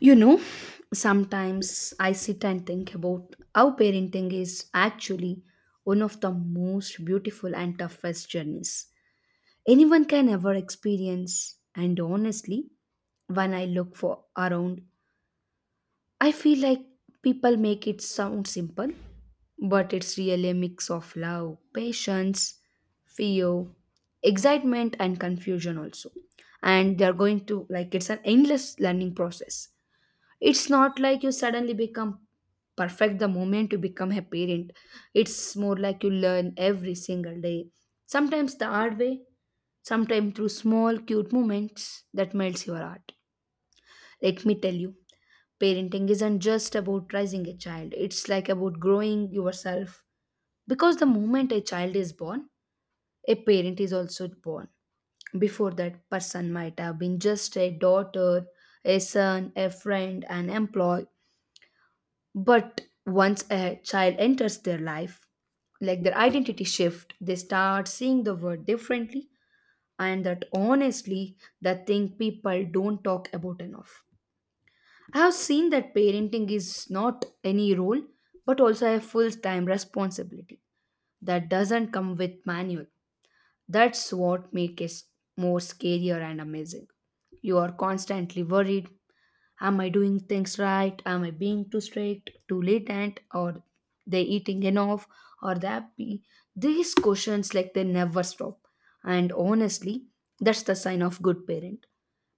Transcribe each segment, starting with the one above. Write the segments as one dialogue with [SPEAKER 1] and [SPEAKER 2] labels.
[SPEAKER 1] You know, sometimes I sit and think about how parenting is actually one of the most beautiful and toughest journeys anyone can ever experience. And honestly, when I look for around, I feel like people make it sound simple, but it's really a mix of love, patience, fear, excitement, and confusion also. And they're going to like it's an endless learning process. It's not like you suddenly become perfect the moment you become a parent. It's more like you learn every single day. Sometimes the hard way, sometimes through small cute moments that melts your heart. Let me tell you, parenting isn't just about raising a child. It's like about growing yourself. Because the moment a child is born, a parent is also born, before that person might have been just a daughter, a son, a friend, an employee, but once a child enters their life, like their identity shift, they start seeing the world differently, and that honestly that thing people don't talk about enough. I have seen that parenting is not any role but also a full-time responsibility that doesn't come with manual. That's what makes it more scarier and amazing. You are constantly worried. Am I doing things right? Am I being too strict, too latent, or they eating enough? Or they happy? These questions like they never stop. And honestly, that's the sign of good parent,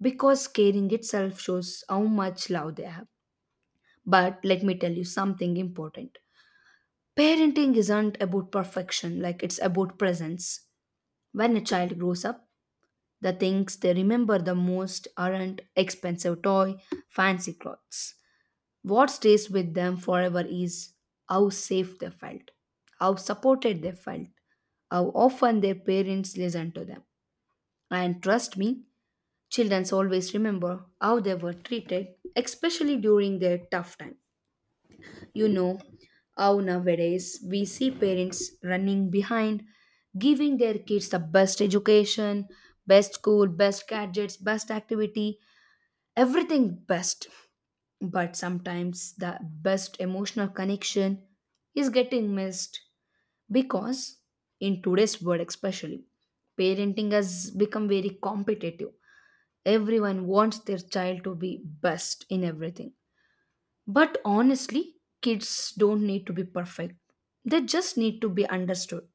[SPEAKER 1] because caring itself shows how much love they have. But let me tell you something important. Parenting isn't about perfection, like it's about presence. When a child grows up, the things they remember the most aren't expensive toy, fancy clothes. What stays with them forever is how safe they felt, how supported they felt, how often their parents listened to them. And trust me, children always remember how they were treated, especially during their tough time. You know how nowadays we see parents running behind, giving their kids the best education, best school, best gadgets, best activity, everything best. But sometimes the best emotional connection is getting missed because, in today's world especially, parenting has become very competitive. Everyone wants their child to be best in everything. But honestly, kids don't need to be perfect, they just need to be understood,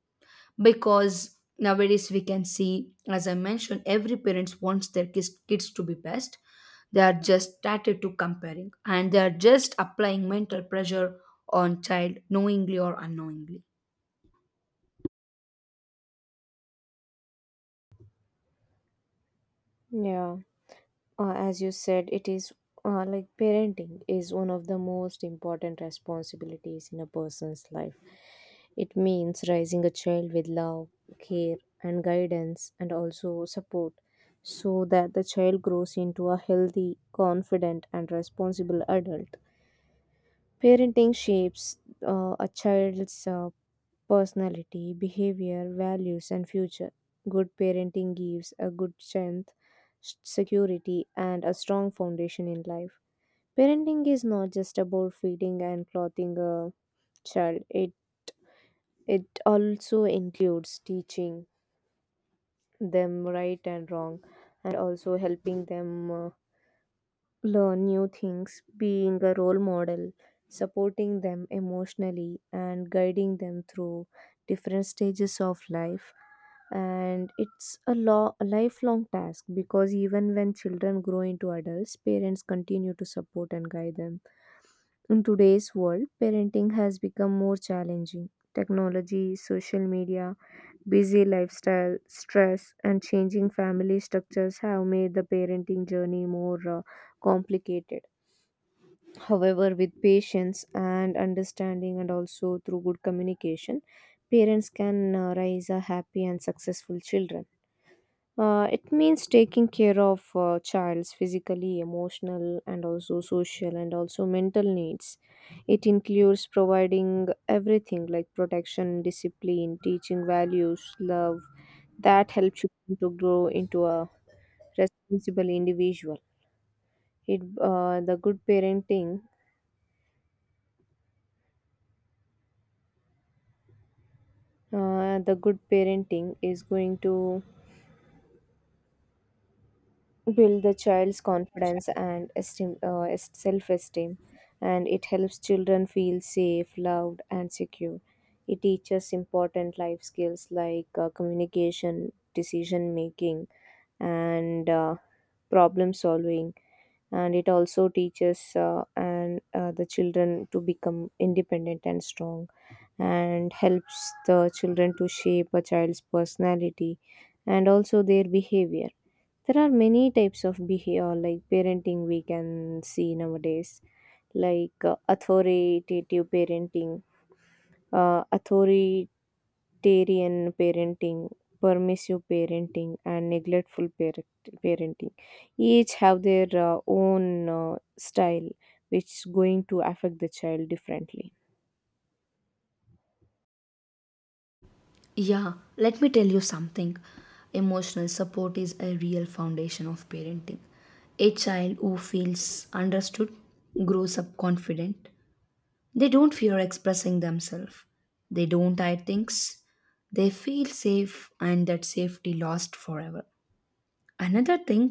[SPEAKER 1] because nowadays we can see, as I mentioned, every parents wants their kids to be best. They are just started to comparing and they are just applying mental pressure on child, knowingly or unknowingly.
[SPEAKER 2] Yeah, as you said, it is like parenting is one of the most important responsibilities in a person's life. It means raising a child with love, care, and guidance, and also support so that the child grows into a healthy, confident, and responsible adult. Parenting shapes a child's personality, behavior, values, and future. Good parenting gives a good strength, security, and a strong foundation in life. Parenting is not just about feeding and clothing a child, it also includes teaching them right and wrong, and also helping them learn new things, being a role model, supporting them emotionally, and guiding them through different stages of life. And it's a lifelong task because even when children grow into adults, parents continue to support and guide them. In today's world, parenting has become more challenging. Technology, social media, busy lifestyle, stress, and changing family structures have made the parenting journey more complicated. However, with patience and understanding, and also through good communication, parents can raise a happy and successful children. It means taking care of child's physically, emotional, and also social and also mental needs. It includes providing everything like protection, discipline, teaching values, love that help children to grow into a responsible individual. It uh, the good parenting the good parenting is going to build the child's confidence and esteem, self-esteem, and it helps children feel safe, loved, and secure. It teaches important life skills like communication, decision making, and problem solving, and it also teaches and the children to become independent and strong, and helps the children to shape a child's personality and also their behavior. There are many types of behavior like parenting we can see nowadays, like authoritative parenting, authoritarian parenting, permissive parenting, and parenting. Each have their own style, which is going to affect the child differently.
[SPEAKER 1] Yeah, let me tell you something. Emotional support is a real foundation of parenting. A child who feels understood grows up confident. They don't fear expressing themselves. They don't hide things. They feel safe, and that safety lasts forever. Another thing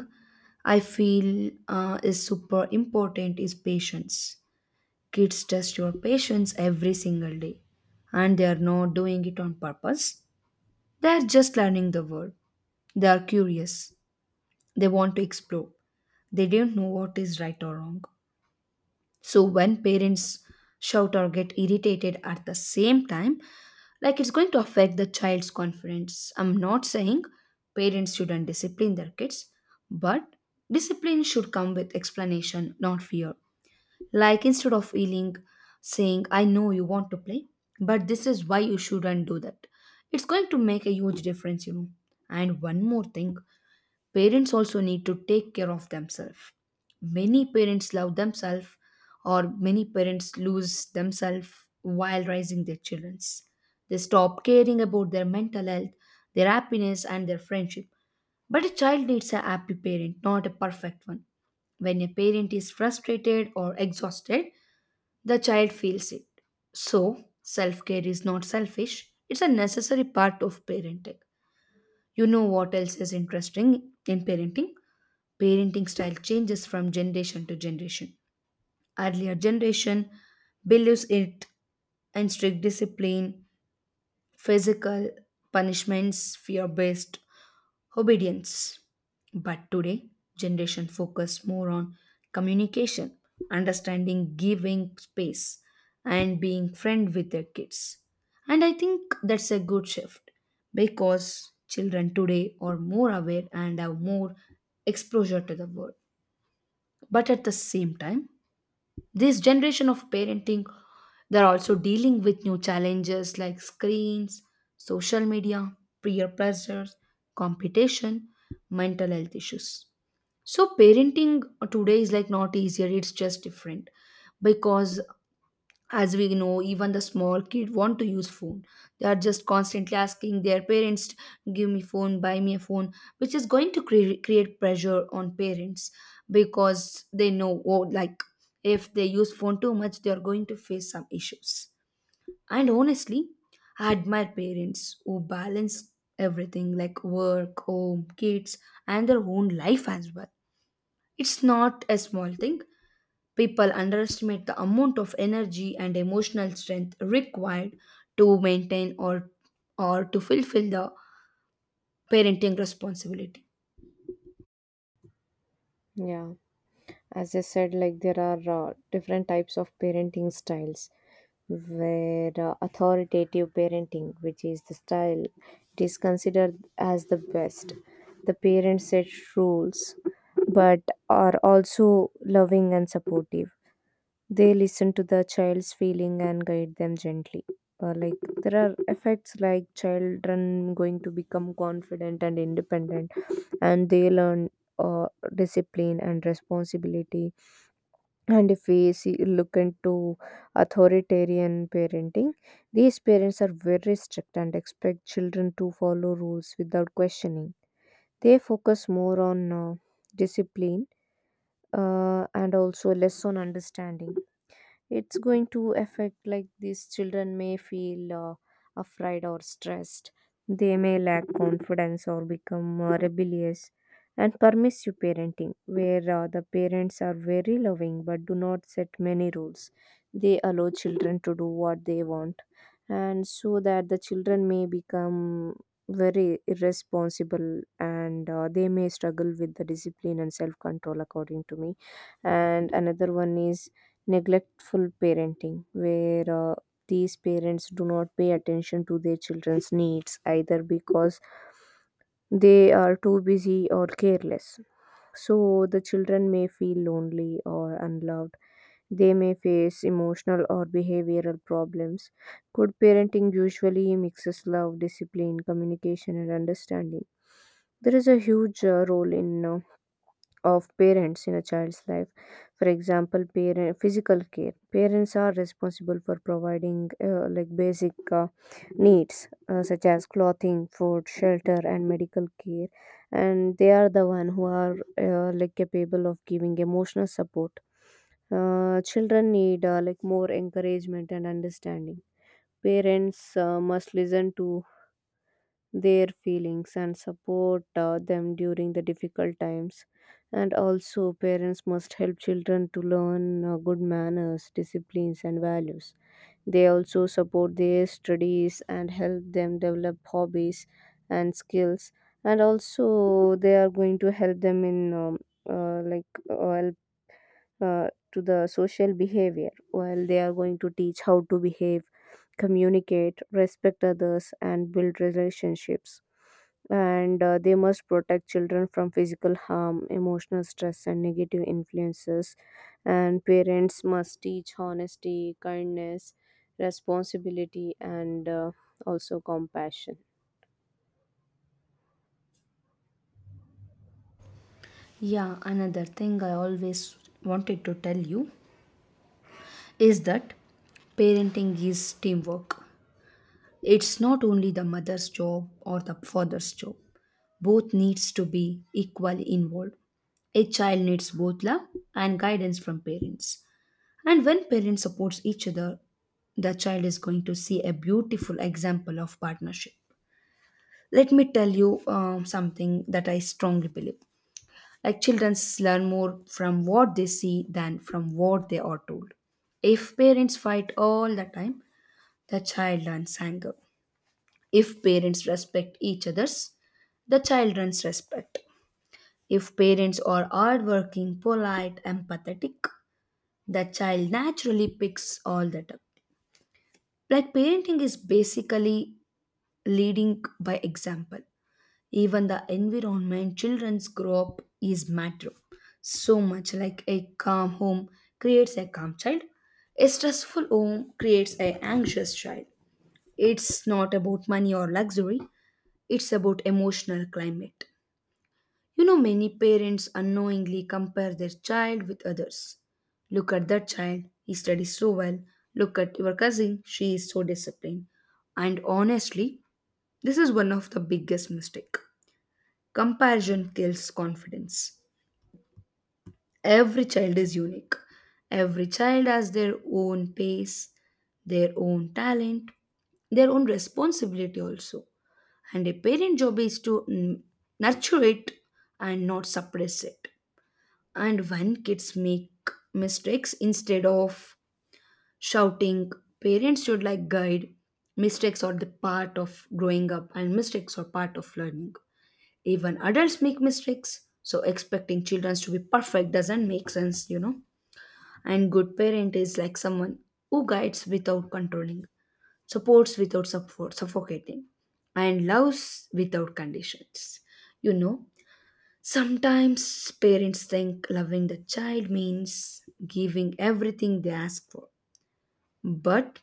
[SPEAKER 1] I feel is super important is patience. Kids test your patience every single day, and they are not doing it on purpose. They are just learning the world. They are curious. They want to explore. They don't know what is right or wrong. So when parents shout or get irritated at the same time, like it's going to affect the child's confidence. I'm not saying parents shouldn't discipline their kids, but discipline should come with explanation, not fear. Like instead of yelling, saying, I know you want to play, but this is why you shouldn't do that. It's going to make a huge difference, you know. And one more thing. Parents also need to take care of themselves. Many parents love themselves, or many parents lose themselves while raising their children. They stop caring about their mental health, their happiness, and their friendship. But a child needs a happy parent, not a perfect one. When a parent is frustrated or exhausted, the child feels it. So, self care is not selfish, it's a necessary part of parenting. You know what else is interesting in parenting? Parenting style changes from generation to generation. Earlier generation believes it in strict discipline, physical punishments, fear based obedience. But today, generation focus more on communication, understanding, giving space, and being friend with their kids. And I think that's a good shift because children today are more aware and have more exposure to the world. But at the same time, this generation of parenting, they're also dealing with new challenges like screens, social media, peer pressures, competition, mental health issues. So, parenting today is like not easier, it's just different, because as we know even the small kid want to use phone. They are just constantly asking their parents, give me phone, buy me a phone, which is going to create pressure on parents, because they know, oh like, if they use phone too much they are going to face some issues. And honestly, I admire parents who balance everything like work, home, kids, and their own life as well. It's not a small thing. People underestimate the amount of energy and emotional strength required to maintain or to fulfill the parenting responsibility.
[SPEAKER 2] Yeah. As I said, like there are different types of parenting styles. Where authoritative parenting, which is the style, it is considered as the best. The parents set rules, but are also loving and supportive. They listen to the child's feeling and guide them gently. Like there are effects like children going to become confident and independent, and they learn uh, discipline and responsibility. And if we see, look into authoritarian parenting, these parents are very strict and expect children to follow rules without questioning. They focus more on discipline, and also less on understanding. It's going to affect like these children may feel afraid or stressed. They may lack confidence or become rebellious. And permissive parenting, where the parents are very loving but do not set many rules. They allow children to do what they want, and so that the children may become very irresponsible, and they may struggle with the discipline and self control, according to me. And another one is neglectful parenting, where uh, these parents do not pay attention to their children's needs, either because they are too busy or careless. So the children may feel lonely or unloved. They may face emotional or behavioral problems. Good parenting usually mixes love, discipline, communication, and understanding. There is a huge role in of parents in a child's life. For example, parent physical care. Parents are responsible for providing like basic needs such as clothing, food, shelter, and medical care, and they are the one who are like capable of giving emotional support. Children need like more encouragement and understanding. Parents must listen to their feelings and support them during the difficult times. And also, parents must help children to learn good manners, disciplines, and values. They also support their studies and help them develop hobbies and skills. And also, they are going to help them in uh, like uh, help, to the social behavior, while they are going to teach how to behave, communicate, respect others, and build relationships. And they must protect children from physical harm, emotional stress, and negative influences. And parents must teach honesty, kindness, responsibility, and also compassion.
[SPEAKER 1] Yeah, another thing I always wanted to tell you is that parenting is teamwork. It's not only the mother's job or the father's job. Both needs to be equally involved. A child needs both love and guidance from parents, and when parents support each other the child is going to see a beautiful example of partnership. Let me tell you something that I strongly believe, like children learn more from what they see than from what they are told. If parents fight all the time the child learns anger. If parents respect each others the child learns respect. If parents are hardworking, polite, empathetic, the child naturally picks all that up. Like parenting is basically leading by example. Even the environment children grow up is matter so much. Like a calm home creates a calm child, a stressful home creates an anxious child. It's not about money or luxury, it's about emotional climate. You know, many parents unknowingly compare their child with others. Look at that child, he studies so well. Look at your cousin, she is so disciplined. And honestly, this is one of the biggest mistake. Comparison kills confidence. Every child is unique. Every child has their own pace, their own talent, their own responsibility also. And a parent job is to nurture it and not suppress it. And when kids make mistakes, instead of shouting, parents should like guide. Mistakes are the part of growing up and mistakes are part of learning. Even adults make mistakes, so expecting children to be perfect doesn't make sense, you know. And good parent is like someone who guides without controlling, supports without support suffocating, and loves without conditions, you know. Sometimes parents think loving the child means giving everything they ask for. But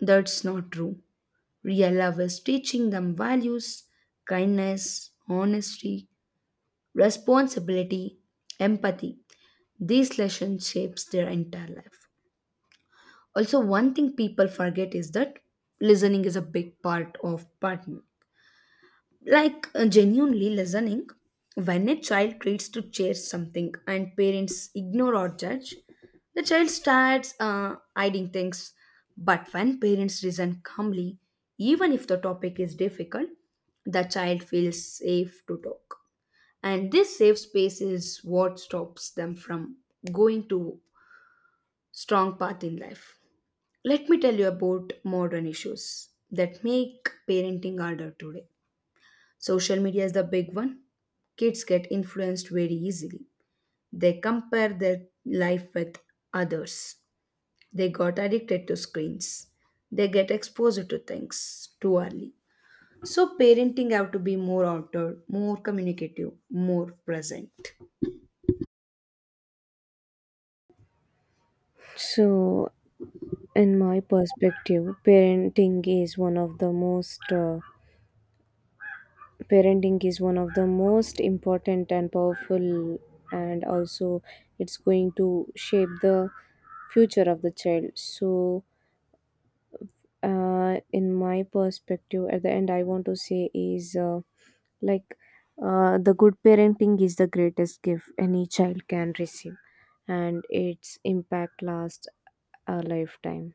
[SPEAKER 1] that's not true. Real love is teaching them values, kindness, honesty, responsibility, empathy. These lessons shapes their entire life. Also, one thing people forget is that listening is a big part of partner. Like genuinely listening, when a child treats to share something and parents ignore or judge, the child starts hiding things. But when parents listen calmly, even if the topic is difficult, the child feels safe to talk, and this safe space is what stops them from going to strong path in life. Let me tell you about modern issues that make parenting harder today. Social media is the big one. Kids get influenced very easily. They compare their life with others. They got addicted to screens. They get exposed to things too early. So parenting have to be more outdoor, more communicative, more present.
[SPEAKER 2] So, in my perspective, parenting is one of the most important and powerful, and also it's going to shape the future of the child. So in my perspective, at the end I want to say is like the good parenting is the greatest gift any child can receive, and its impact lasts a lifetime.